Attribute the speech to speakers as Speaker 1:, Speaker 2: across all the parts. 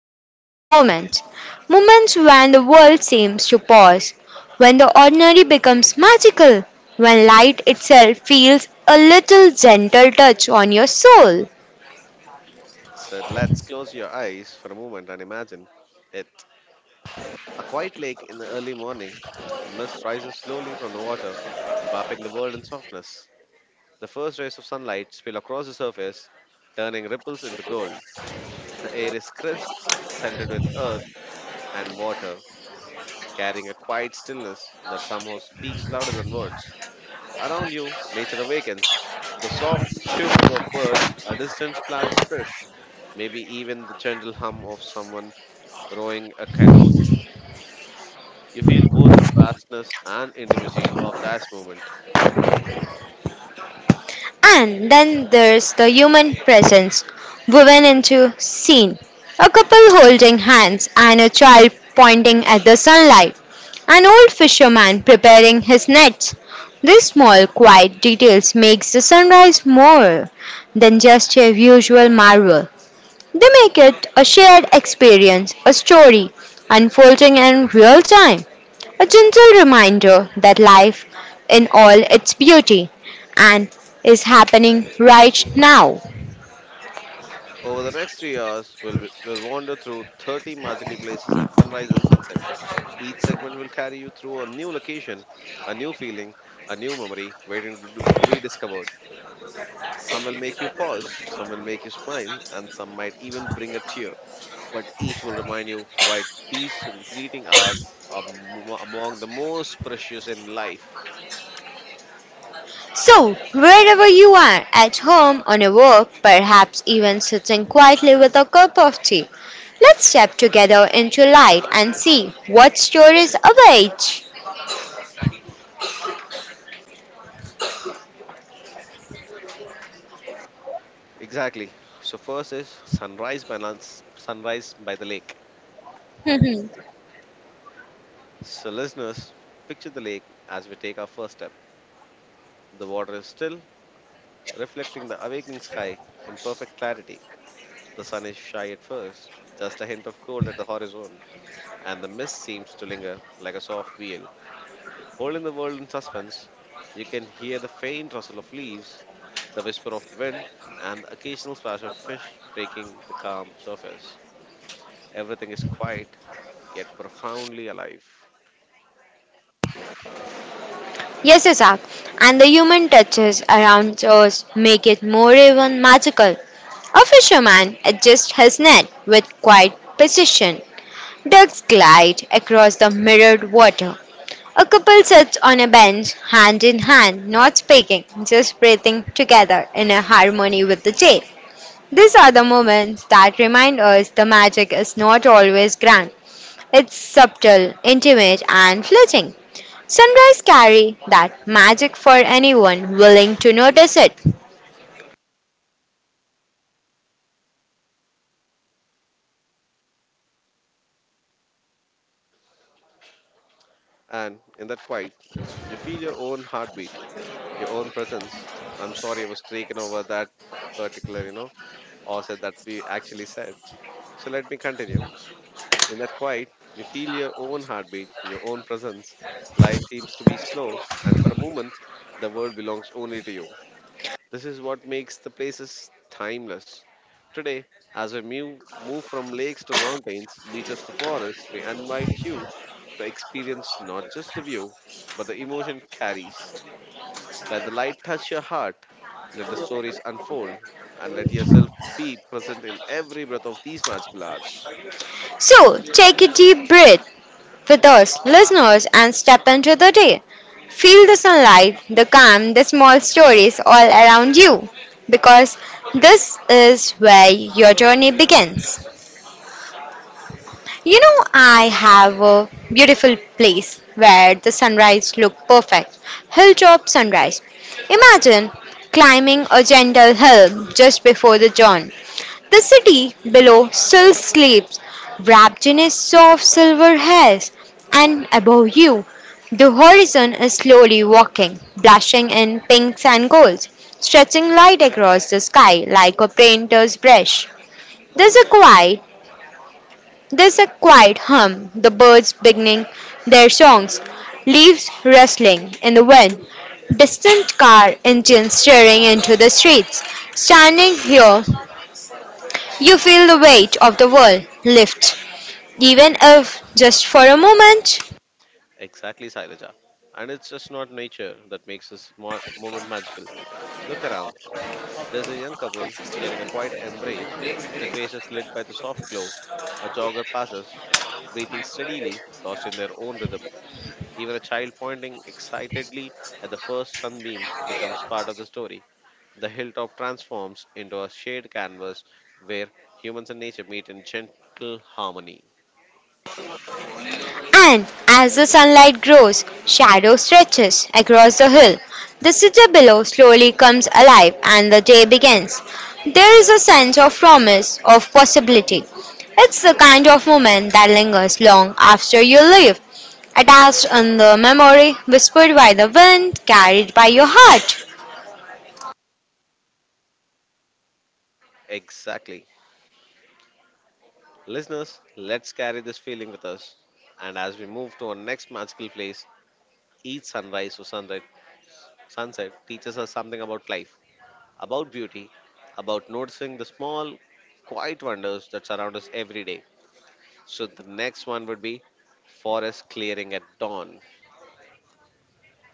Speaker 1: across moments. Moments when the world seems to pause, when the ordinary becomes magical, when light itself feels a little gentle touch on your soul.
Speaker 2: So let's close your eyes for a moment and imagine it. A quiet lake in the early morning. Mist rises slowly from the water, wrapping the world in softness. The first rays of sunlight spill across the surface, turning ripples into gold. The air is crisp, scented with earth and water, carrying a quiet stillness that somehow speaks louder than words. Around you, nature awakens. The soft chirping of birds, a distant splash of fish, maybe even the gentle hum of someone rowing a canoe. You feel both the vastness and intimacy of that moment.
Speaker 1: And then there's the human presence woven into scene. A couple holding hands and a child pointing at the sunlight. An old fisherman preparing his nets. These small quiet details makes the sunrise more than just a usual marvel. They make it a shared experience, a story unfolding in real time, a gentle reminder that life in all its beauty and is happening right now.
Speaker 2: Over the next 3 hours, we'll wander through 30 magical places at sunrise and sunset. Each segment will carry you through a new location, a new feeling, a new memory waiting to be discovered. Some will make you pause, some will make you smile, and some might even bring a tear, but each will remind you why these fleeting hours are among the most precious in life.
Speaker 1: So, wherever you are, at home, on a walk, perhaps even sitting quietly with a cup of tea, let's step together into light and see what stories await.
Speaker 2: Exactly. So first is sunrise by the lake. So listeners, picture the lake as we take our first step. The water is still, reflecting the awakening sky in perfect clarity. The sun is shy at first, just a hint of cold at the horizon, and the mist seems to linger like a soft veil. All in the world in suspense, you can hear the faint rustle of leaves, the whisper of the wind, and the occasional splash of fish breaking the calm surface. Everything is quiet, yet profoundly alive.
Speaker 1: Yes, Isaac, and the human touches around us make it more even magical. A fisherman adjusts his net with quiet precision. Ducks glide across the mirrored water. A couple sits on a bench, hand in hand, not speaking, just breathing together in a harmony with the day. These are the moments that remind us the magic is not always grand. It's subtle, intimate, and fleeting. Sunrise carry that magic for anyone willing to notice it.
Speaker 2: And in that quiet, you feel your own heartbeat, your own presence. I'm sorry I was taken over that particular, you know, or said that we actually said. So let me continue. In that quiet, you feel your own heartbeat, your own presence. Life seems to be slow, and for a moment, the world belongs only to you. This is what makes the places timeless. Today, as we move from lakes to mountains, beaches to forests, we invite you to experience not just the view, but the emotion it carries. Let the light touch your heart, let the stories unfold, and let yourself be present in every breath of these magical hours.
Speaker 1: So, take a deep breath with us, listeners, and step into the day. Feel the sunlight, the calm, the small stories all around you, because this is where your journey begins. You know, I have a beautiful place where the sunrise look perfect. Hilltop sunrise. Imagine climbing a gentle hill just before the dawn. The city below still sleeps, wrapped in a soft silver haze, and above you, the horizon is slowly walking, blushing in pinks and golds, stretching light across the sky like a painter's brush. There's a quiet there's a quiet hum, the birds beginning their songs, leaves rustling in the wind, distant car engines staring into the streets. Standing here, you feel the weight of the world lift, even if just for a moment.
Speaker 2: Exactly, Sairaja. And it's just not nature that makes this moment magical. Look around. There's a young couple sharing a quiet embrace, their faces lit by the soft glow. A jogger passes, breathing steadily, lost in their own rhythm. Even a child pointing excitedly at the first sunbeam becomes part of the story. The hilltop transforms into a shared canvas where humans and nature meet in gentle harmony.
Speaker 1: And as the sunlight grows, shadow stretches across the hill. The city below slowly comes alive and the day begins. There is a sense of promise, of possibility. It's the kind of moment that lingers long after you leave, attached in the memory, whispered by the wind, carried by your heart.
Speaker 2: Exactly. Listeners, let's carry this feeling with us. And as we move to our next magical place, each sunset teaches us something about life, about beauty, about noticing the small, quiet wonders that surround us every day. So the next one would be forest clearing at dawn.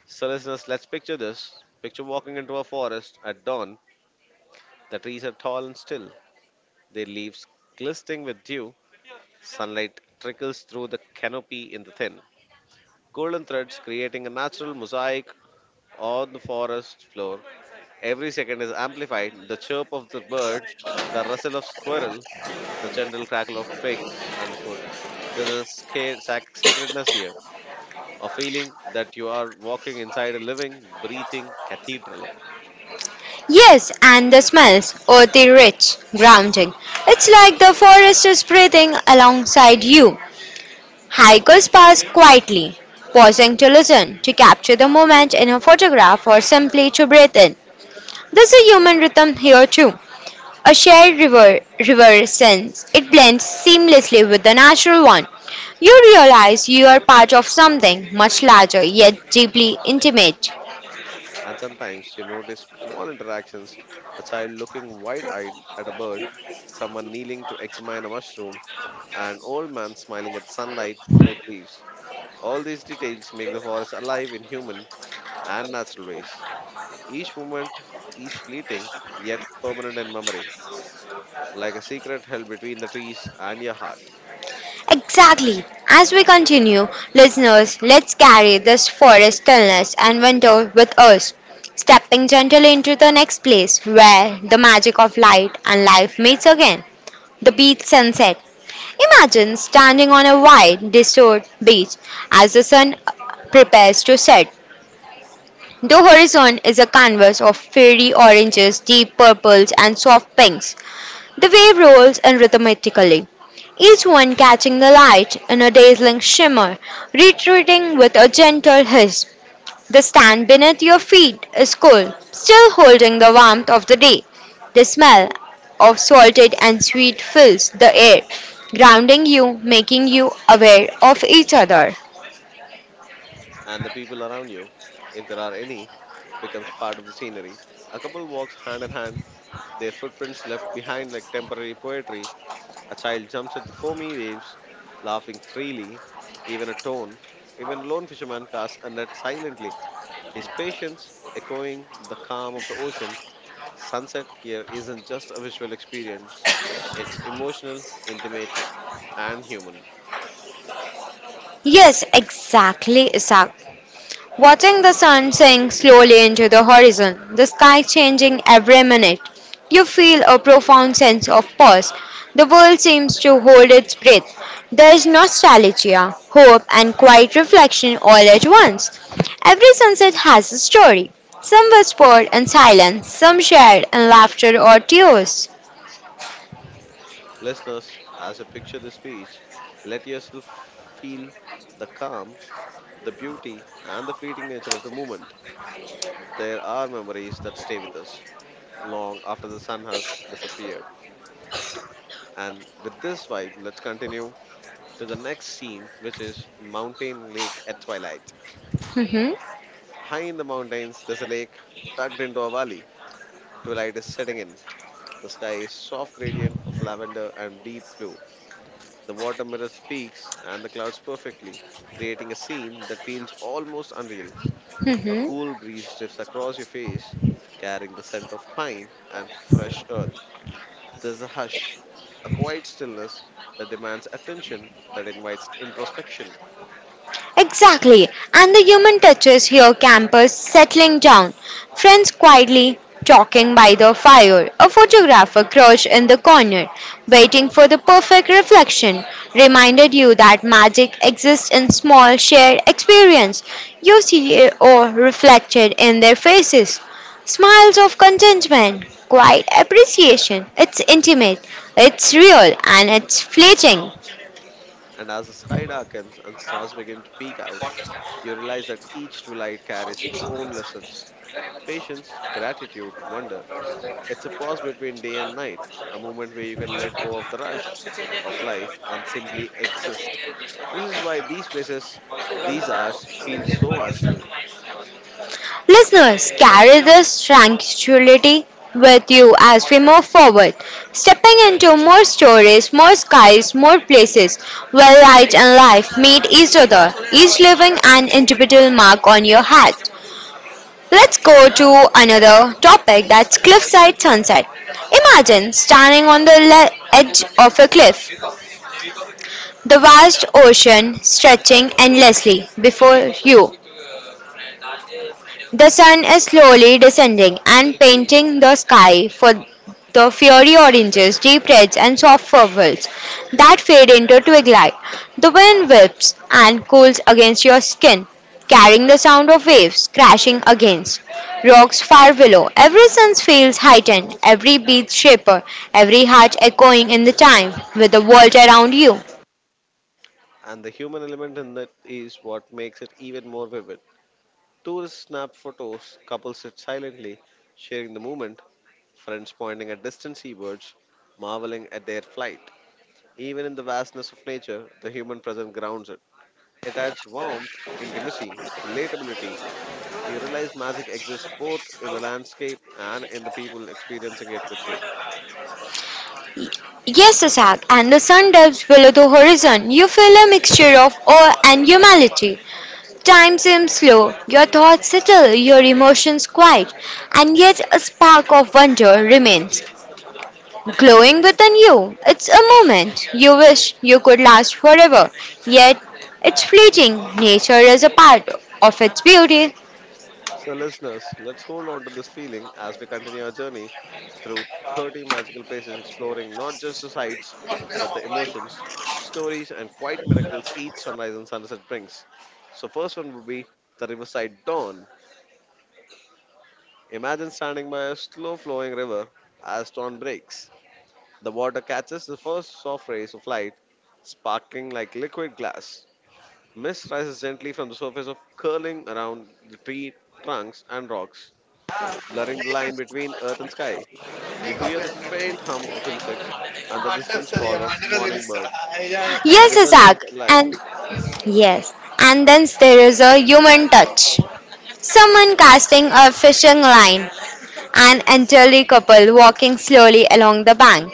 Speaker 2: So listeners, let's picture this. Picture walking into a forest at dawn. The trees are tall and still, their leaves glistening with dew. Sunlight trickles through the canopy in the thin golden threads creating a natural mosaic on the forest floor. Every second is amplified the chirp of the bird, the rustle of squirrel, the gentle crackle of twigs underfoot. There's a sacredness here, a feeling that you are walking inside a living, breathing cathedral.
Speaker 1: Yes, and the smells, earthy rich, grounding. It's like the forest is breathing alongside you. Hikers pass quietly, pausing to listen, to capture the moment in a photograph, or simply to breathe in. There's a human rhythm here too. A shared river sense. It blends seamlessly with the natural one. You realize you are part of something much larger yet deeply intimate.
Speaker 2: And sometimes you notice small interactions: a child looking wide eyed at a bird, someone kneeling to examine a mushroom, an old man smiling at sunlight through the leaves. All these details make the forest alive in human and natural ways. Each moment is fleeting, yet permanent in memory, like a secret held between the trees and your heart,
Speaker 1: Exactly. As we continue, listeners, let's carry this forest stillness and winter with us, stepping gently into the next place where the magic of light and life meets again the beach sunset. Imagine standing on a wide, deserted beach as the sun prepares to set, the horizon is a canvas of fiery oranges, deep purples, and soft pinks. The wave rolls in rhythmically, each one catching the light in a dazzling shimmer, retreating with a gentle hiss. The stand beneath your feet is cool, still holding the warmth of the day. The smell of salted and sweet fills the air, grounding you, making you aware of each other.
Speaker 2: and the people around you, if there are any, becomes part of the scenery. A couple walks hand in hand, their footprints left behind like temporary poetry. A child jumps at the foamy waves, laughing freely, even a tone. Even a lone fisherman casts a net silently, his patience echoing the calm of the ocean. Sunset here isn't just a visual experience, it's emotional, intimate, and human.
Speaker 1: Yes, exactly, Isak. Watching the sun sink slowly into the horizon, the sky changing every minute, you feel a profound sense of pause. The world seems to hold its breath. There is nostalgia, hope, and quiet reflection all at once. Every sunset has a story. Some whispered in silence, some shared in laughter or tears.
Speaker 2: Listeners, as you picture this beach, let yourself feel the calm, the beauty, and the fleeting nature of the moment. There are memories that stay with us long after the sun has disappeared. And with this vibe, let's continue to the next scene, which is Mountain Lake at twilight.
Speaker 1: Mhm,
Speaker 2: High in the mountains, there's a lake tucked into a valley. Twilight is setting in. The sky is soft gradient of lavender and deep blue. The water mirrors the peaks and the clouds perfectly, creating a scene that feels almost unreal. A
Speaker 1: mhm.
Speaker 2: cool breeze drifts across your face, carrying the scent of pine and fresh earth. There's a hush, a quiet stillness that demands attention, that invites introspection.
Speaker 1: Exactly. And the human touches your campers settling down, friends quietly talking by the fire, a photographer crouched in the corner, waiting for the perfect reflection, reminded you that magic exists in small shared experience. You see it all reflected in their faces. Smiles of contentment, quiet appreciation. It's intimate, it's real, and it's fleeting.
Speaker 2: And as the sky darkens and stars begin to peek out, you realize that each twilight carries its own lessons: patience, gratitude, wonder. It's a pause between day and night, a moment where you can let go of the rush of life and simply exist. This is why these places, these hours, feel so magical,
Speaker 1: Listeners, carry this tranquility with you as we move forward, stepping into more stories, more skies, more places where light and life meet each other, each leaving an individual mark on your heart. Let's go to another topic, that's cliffside sunset. Imagine standing on the edge of a cliff, the vast ocean stretching endlessly before you. The sun is slowly descending and painting the sky for the fiery oranges, deep reds, and soft purples that fade into twig light. The wind whips and cools against your skin, carrying the sound of waves crashing against rocks far below. Every sense feels heightened, every beat shaper, every heart echoing in the time with the world around you.
Speaker 2: and the human element in that is what makes it even more vivid. Tourists snap photos, couples sit silently, sharing the moment, friends pointing at distant seabirds, marveling at their flight. Even in the vastness of nature, the human presence grounds it. It adds warmth, intimacy, relatability. You realize magic exists both in the landscape and in the people experiencing it with you.
Speaker 1: Yes, Asak, and the sun dips below the horizon. You feel a mixture of awe and humility. Time seems slow, your thoughts settle, your emotions quiet, and yet a spark of wonder remains glowing within you. It's a moment you wish you could last forever, yet it's fleeting. Nature is a part of its beauty.
Speaker 2: So, listeners, let's hold on to this feeling as we continue our journey through 30 magical places, exploring not just the sights, but the emotions, stories, and quiet miracles each sunrise and sunset brings. So, first one would be the Riverside Dawn. Imagine standing by a slow flowing river as dawn breaks. The water catches the first soft rays of light, sparkling like liquid glass. Mist rises gently from the surface of curling around the tree trunks and rocks, blurring the line between earth and sky. You hear the faint hum of insects and the distant call of morning bird. The
Speaker 1: Yes,
Speaker 2: river seems
Speaker 1: Isaac,
Speaker 2: alive,
Speaker 1: and yes, and then there is a human touch. Someone casting a fishing line, an elderly couple walking slowly along the bank,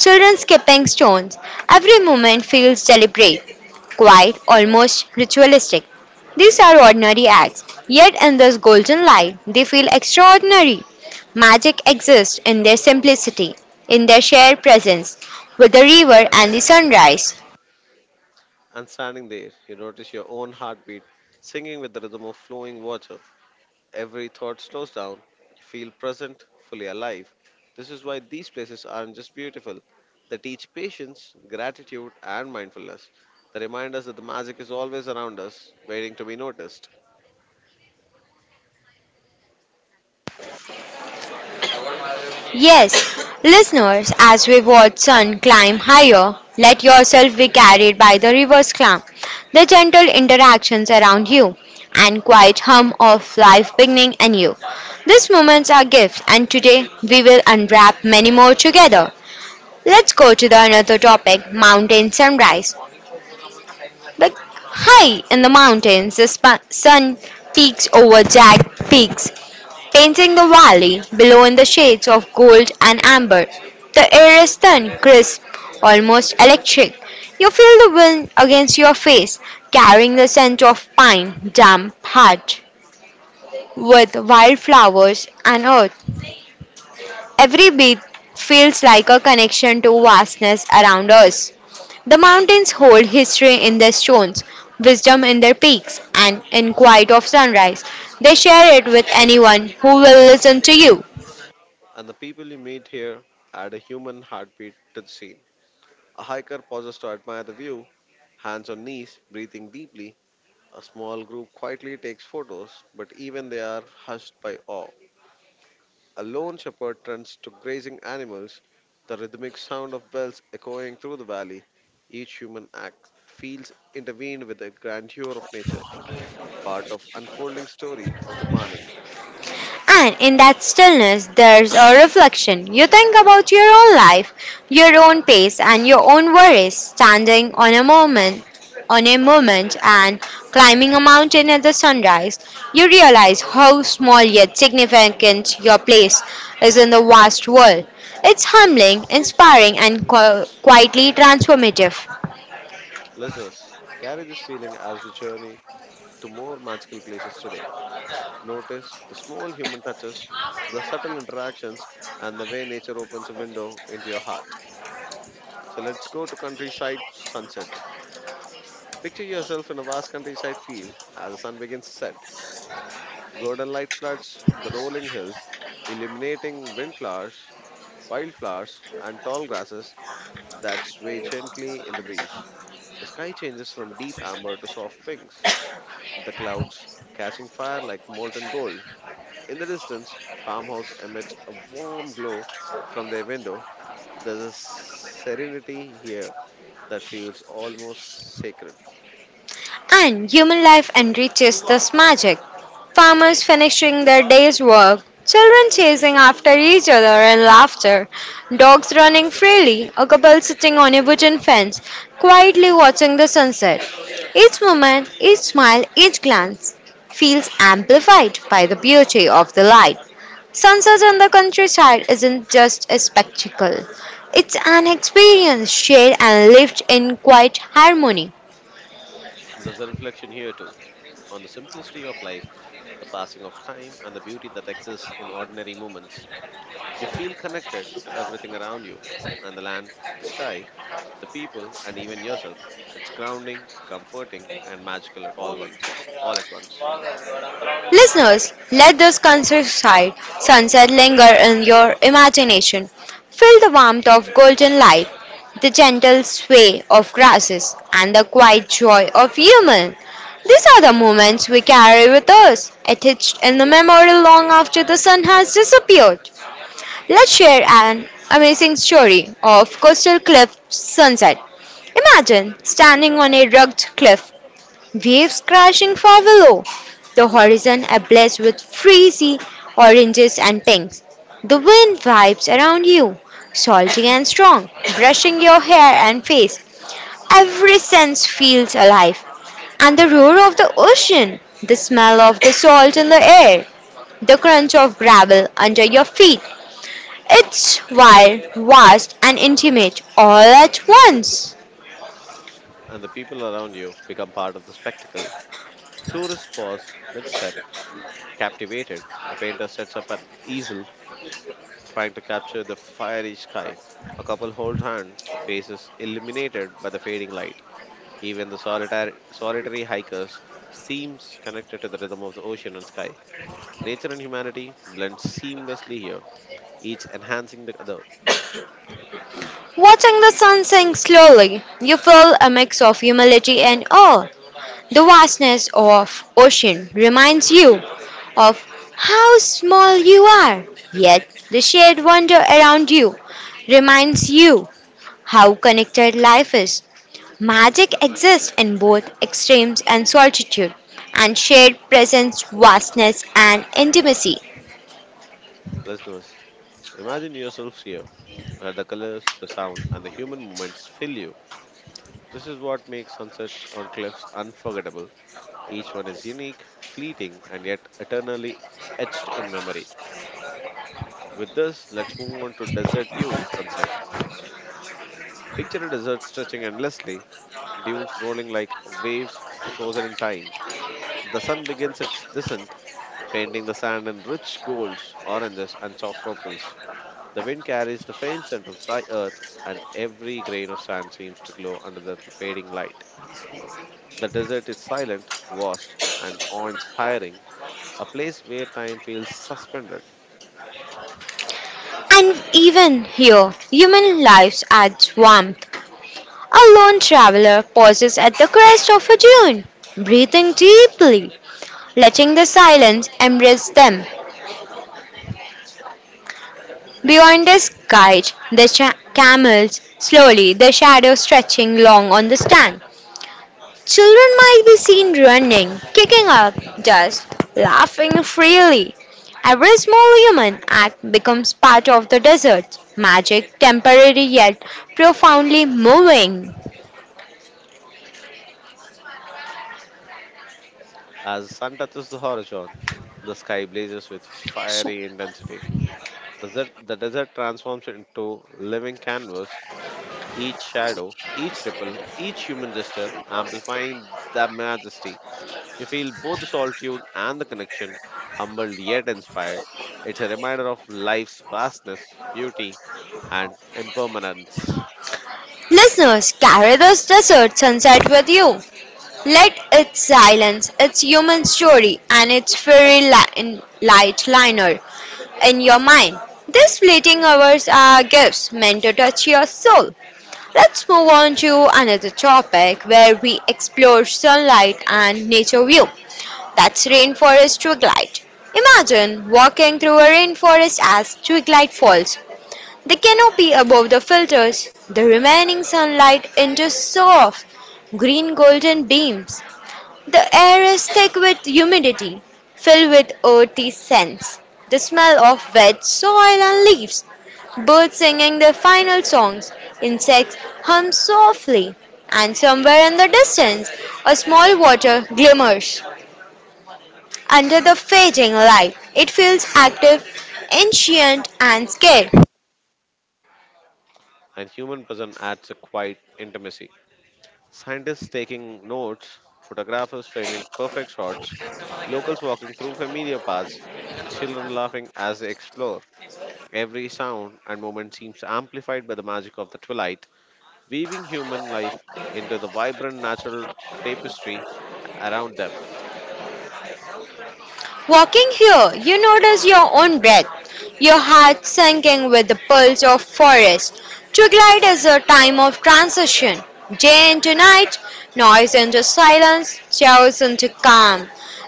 Speaker 1: children skipping stones. Every moment feels deliberate, quiet, almost ritualistic. These are ordinary acts, yet in this golden light, they feel extraordinary. Magic exists in their simplicity, in their shared presence with the river and the sunrise.
Speaker 2: and standing there, you notice your own heartbeat singing with the rhythm of flowing water. Every thought slows down, feel present, fully alive. This is why these places aren't just beautiful. They teach patience, gratitude, and mindfulness. They remind us that the magic is always around us, waiting to be noticed.
Speaker 1: Yes, listeners, as we watch sun climb higher, let yourself be carried by the river's calm, the gentle interactions around you, and quiet hum of life beginning anew. These moments are gifts, and today we will unwrap many more together. Let's go to the another topic, mountain sunrise. Like high in the mountains, the sun peeks over jagged peaks, painting the valley below in the shades of gold and amber. The air is thin, crisp, almost electric. You feel the wind against your face, carrying the scent of pine, damp, hot, with wildflowers and earth. Every beat feels like a connection to vastness around us. The mountains hold history in their stones, wisdom in their peaks, and in quiet of sunrise. They share it with anyone who will listen to you.
Speaker 2: And the people you meet here add a human heartbeat to the scene. A hiker pauses to admire the view, hands on knees, breathing deeply. A small group quietly takes photos, but even they are hushed by awe. A lone shepherd turns to grazing animals, the rhythmic sound of bells echoing through the valley. Each human act feels intervened with the grandeur of nature, part of unfolding story of the morning.
Speaker 1: And in that stillness, there's a reflection. You think about your own life, your own pace, and your own worries, standing on a moment, and climbing a mountain at the sunrise. You realize how small yet significant your place is in the vast world. It's humbling, inspiring, and quietly transformative.
Speaker 2: Listeners, carry this feeling as we journey to more magical places today. Notice the small human touches, the subtle interactions, and the way nature opens a window into your heart. So let's go to countryside sunset. Picture yourself in a vast countryside field as the sun begins to set. Golden light floods the rolling hills, illuminating wildflowers, and tall grasses that sway gently in the breeze. The sky changes from deep amber to soft pinks, the clouds catching fire like molten gold. In the distance, farmhouse emits a warm glow from their window. There's a serenity here that feels almost sacred.
Speaker 1: And human life enriches this magic. Farmers finishing their day's work, children chasing after each other and laughter, dogs running freely, a couple sitting on a wooden fence, quietly watching the sunset. Each moment, each smile, each glance feels amplified by the beauty of the light. Sunset on the countryside isn't just a spectacle. It's an experience shared and lived in quiet harmony.
Speaker 2: There's a reflection here too on the simplicity of life, the passing of time, and the beauty that exists in ordinary moments. You feel connected to everything around you and the land, the sky, the people, and even yourself. It's grounding, comforting, and magical all at once.
Speaker 1: Listeners, let this countryside sunset linger in your imagination. Feel the warmth of golden light, the gentle sway of grasses, and the quiet joy of human. These are the moments we carry with us, etched in the memory long after the sun has disappeared. Let's share an amazing story of coastal cliff sunset. Imagine standing on a rugged cliff, waves crashing far below, the horizon ablaze with frizzy oranges and pinks. The wind vibes around you, salty and strong, brushing your hair and face. Every sense feels alive. And the roar of the ocean, the smell of the salt in the air, the crunch of gravel under your feet. It's wild, vast, and intimate all at once.
Speaker 2: And the people around you become part of the spectacle. Tourists pause mid-step, captivated. A painter sets up an easel trying to capture the fiery sky. A couple hold hand, faces illuminated by the fading light. Even the solitary hikers seems connected to the rhythm of the ocean and sky. Nature and humanity blend seamlessly here, each enhancing the other.
Speaker 1: Watching the sun sink slowly, you feel a mix of humility and awe. The vastness of ocean reminds you of how small you are, yet the shared wonder around you reminds you how connected life is. Magic exists in both extremes and solitude, and shared presence, vastness, and intimacy.
Speaker 2: Listeners, imagine yourselves here, where the colors, the sound, and the human movements fill you. This is what makes sunsets on cliffs unforgettable. Each one is unique, fleeting, and yet eternally etched in memory. With this, let's move on to desert dunes sunset. Picture a desert stretching endlessly, dunes rolling like waves frozen in time. The sun begins its descent, painting the sand in rich golds, oranges, and soft purples. The wind carries the faint scent of dry earth, and every grain of sand seems to glow under the fading light. The desert is silent, vast, and awe inspiring, a place where time feels suspended.
Speaker 1: And even here, human lives adds warmth. A lone traveler pauses at the crest of a dune, breathing deeply, letting the silence embrace them. Beyond his guide, the camels, slowly, their shadows stretching long on the stand. Children might be seen running, kicking up dust, laughing freely. Every small human act becomes part of the desert's magic, temporary yet profoundly moving.
Speaker 2: As sun touches the horizon, the sky blazes with fiery intensity. The desert transforms into living canvas, each shadow, each ripple, each human gesture amplifying the majesty. You feel both the solitude and the connection, humbled yet inspired. It's a reminder of life's vastness, beauty, and impermanence.
Speaker 1: Listeners, carry this desert sunset with you. Let its silence, its human story, and its fairy light liner in your mind. These fleeting hours are gifts meant to touch your soul. Let's move on to another topic where we explore sunlight and nature view. That's rainforest twilight. Imagine walking through a rainforest as twilight falls, the canopy above the filters the remaining sunlight into soft green golden beams. The air is thick with humidity, filled with earthy scents, the smell of wet soil and leaves, birds singing their final songs, insects hum softly, and somewhere in the distance, a small water glimmers. Under the fading light, it feels active, ancient, and scared.
Speaker 2: And human presence adds a quiet intimacy. Scientists taking notes, photographers framing perfect shots, locals walking through familiar paths, children laughing as they explore. Every sound and moment seems amplified by the magic of the twilight, weaving human life into the vibrant natural tapestry around them.
Speaker 1: Walking here, you notice your own breath, your heart sinking with the pulse of forest. To glide is a time of transition, day into night, noise into silence, chaos into calm.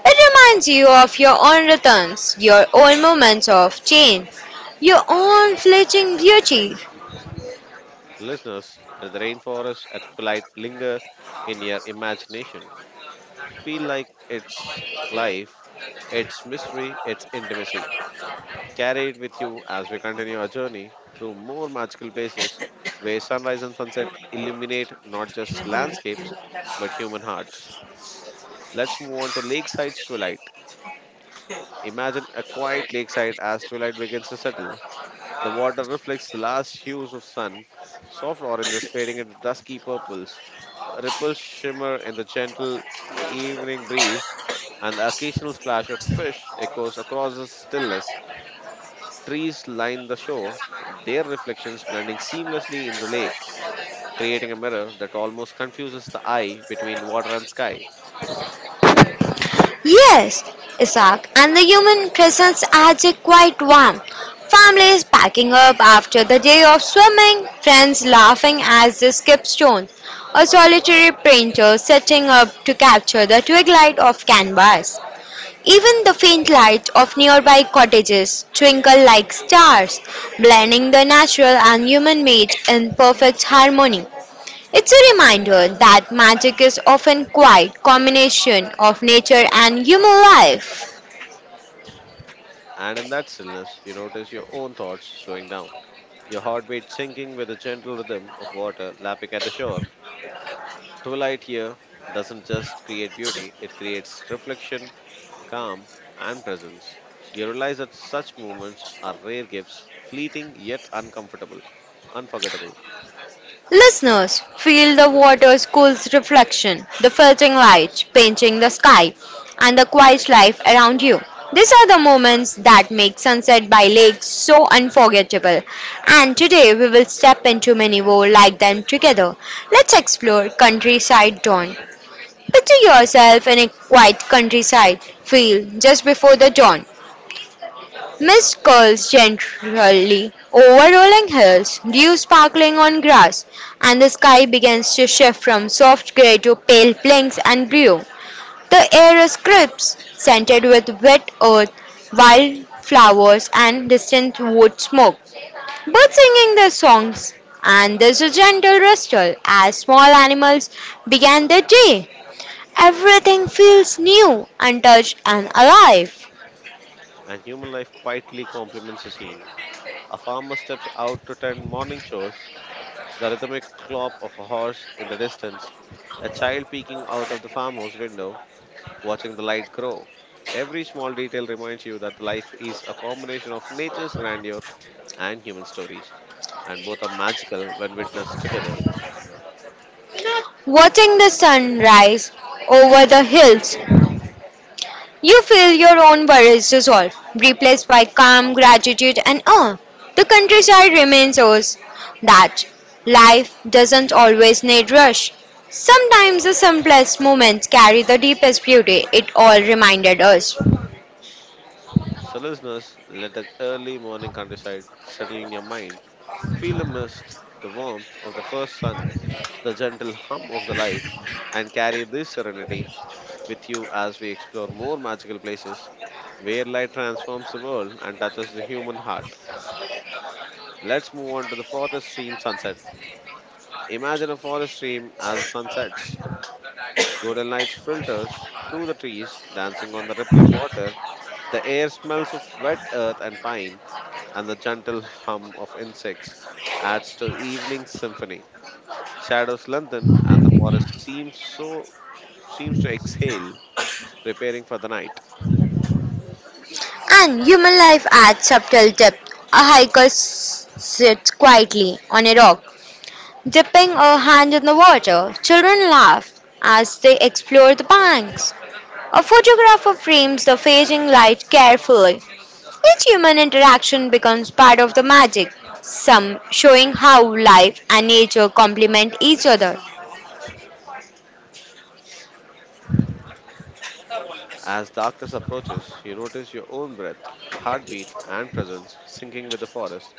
Speaker 1: It reminds you of your own returns, your own moments of change, your own fleeting beauty.
Speaker 2: Listeners, let the rainforest at twilight linger in your imagination. Feel like it's life, its mystery, its intimacy. Carry it with you as we continue our journey through more magical places where sunrise and sunset illuminate not just landscapes but human hearts. Let's move on to lakeside's twilight. Imagine a quiet lakeside as twilight begins to settle. The water reflects the last hues of sun, soft oranges fading into dusky purples. Ripples shimmer in the gentle evening breeze, and the occasional splash of fish echoes across the stillness. Trees line the shore, their reflections blending seamlessly in the lake, creating a mirror that almost confuses the eye between water and sky.
Speaker 1: Yes, Isaac, and the human presence adds a quiet warmth. Families packing up after the day of swimming, friends laughing as they skip stones, a solitary painter setting up to capture the twilight of canvas. Even the faint light of nearby cottages twinkle like stars, blending the natural and human made in perfect harmony. It's a reminder that magic is often quite combination of nature and human life.
Speaker 2: And in that stillness, you notice your own thoughts slowing down, your heartbeat sinking with the gentle rhythm of water lapping at the shore. Twilight here doesn't just create beauty, it creates reflection, calm, and presence. You realize that such moments are rare gifts, fleeting yet uncomfortable, unforgettable.
Speaker 1: Listeners, feel the water's cool reflection, the filtering lights painting the sky, and the quiet life around you. These are the moments that make sunset by lakes so unforgettable. And today we will step into many more like them together. Let's explore countryside dawn. Picture yourself in a quiet countryside field just before the dawn. Mist curls gently over rolling hills, dew sparkling on grass, and the sky begins to shift from soft grey to pale pinks and blue. The air is crisp, scented with wet earth, wild flowers, and distant wood smoke. Birds singing their songs, and there's a gentle rustle as small animals began their day. Everything feels new, untouched, and alive.
Speaker 2: And human life quietly complements the scene. A farmer steps out to tend morning chores, the rhythmic clop of a horse in the distance, a child peeking out of the farmhouse window, watching the light grow. Every small detail reminds you that life is a combination of nature's grandeur and human stories, and both are magical when witnessed together.
Speaker 1: Watching the sun rise over the hills, you feel your own worries dissolve, replaced by calm, gratitude, and awe. The countryside reminds us that life doesn't always need rush. Sometimes the simplest moments carry the deepest beauty, it all reminded us.
Speaker 2: So, listeners, let the early morning countryside settle in your mind. Feel the mist, the warmth of the first sun, the gentle hum of the life, and carry this serenity with you as we explore more magical places where light transforms the world and touches the human heart. Let's move on to the forest stream sunset. Imagine a forest stream as it sunsets. Golden light filters through the trees, dancing on the rippling water. The air smells of wet earth and pine, and the gentle hum of insects adds to the evening symphony. Shadows lengthen, and the forest seems to exhale, preparing for the night.
Speaker 1: And human life adds subtle depth. A hiker sits quietly on a rock, dipping a hand in the water. Children laugh as they explore the banks. A photographer frames the fading light carefully. Each human interaction becomes part of the magic, some showing how life and nature complement each other.
Speaker 2: As darkness approaches, you notice your own breath, heartbeat, and presence syncing with the forest.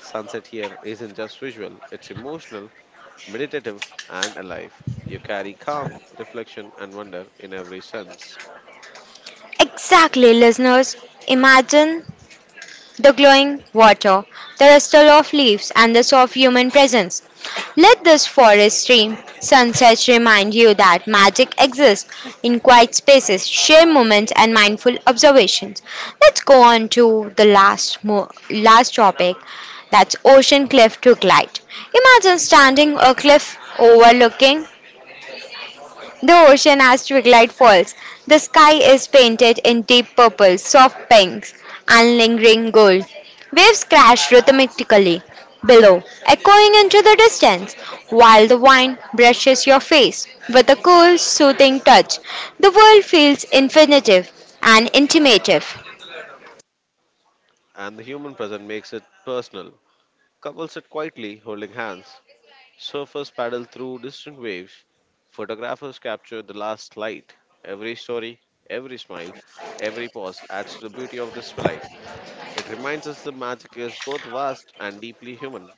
Speaker 2: Sunset here isn't just visual, it's emotional, meditative, and alive. You carry calm, reflection, and wonder in every sense.
Speaker 1: Exactly, listeners. Imagine the glowing water, the rustle of leaves, and the soft human presence. Let this forest stream sunsets remind you that magic exists in quiet spaces, share moments, and mindful observations. Let's go on to the last last topic. That's ocean cliff to glide. Imagine standing a cliff overlooking the ocean has twilight falls. The sky is painted in deep purple, soft pinks, and lingering gold. Waves crash rhythmically below, echoing into the distance, while the wind brushes your face with a cool, soothing touch. The world feels infinitive and intimative.
Speaker 2: And the human present makes it personal. Couples sit quietly, holding hands. Surfers paddle through distant waves. Photographers capture the last light. Every story, every smile, every pause adds to the beauty of this twilight. It reminds us the magic is both vast and deeply human.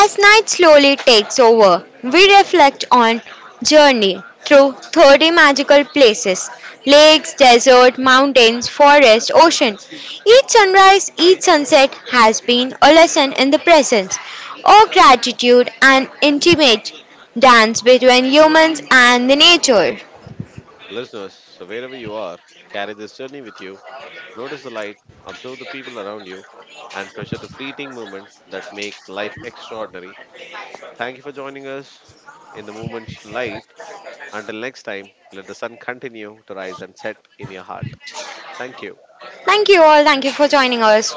Speaker 1: As night slowly takes over, we reflect on journey through 30 magical places, lakes, desert, mountains, forest, ocean. Each sunrise, each sunset has been a lesson in the presence or gratitude and intimate dance between humans and the nature.
Speaker 2: Listeners, so wherever you are, carry this journey with you. Notice the light, observe the people around you, and treasure the fleeting moments that make life extraordinary. Thank you for joining us in the moment's light. Until next time, let the sun continue to rise and set in your heart. Thank you.
Speaker 1: Thank you all. Thank you for joining us.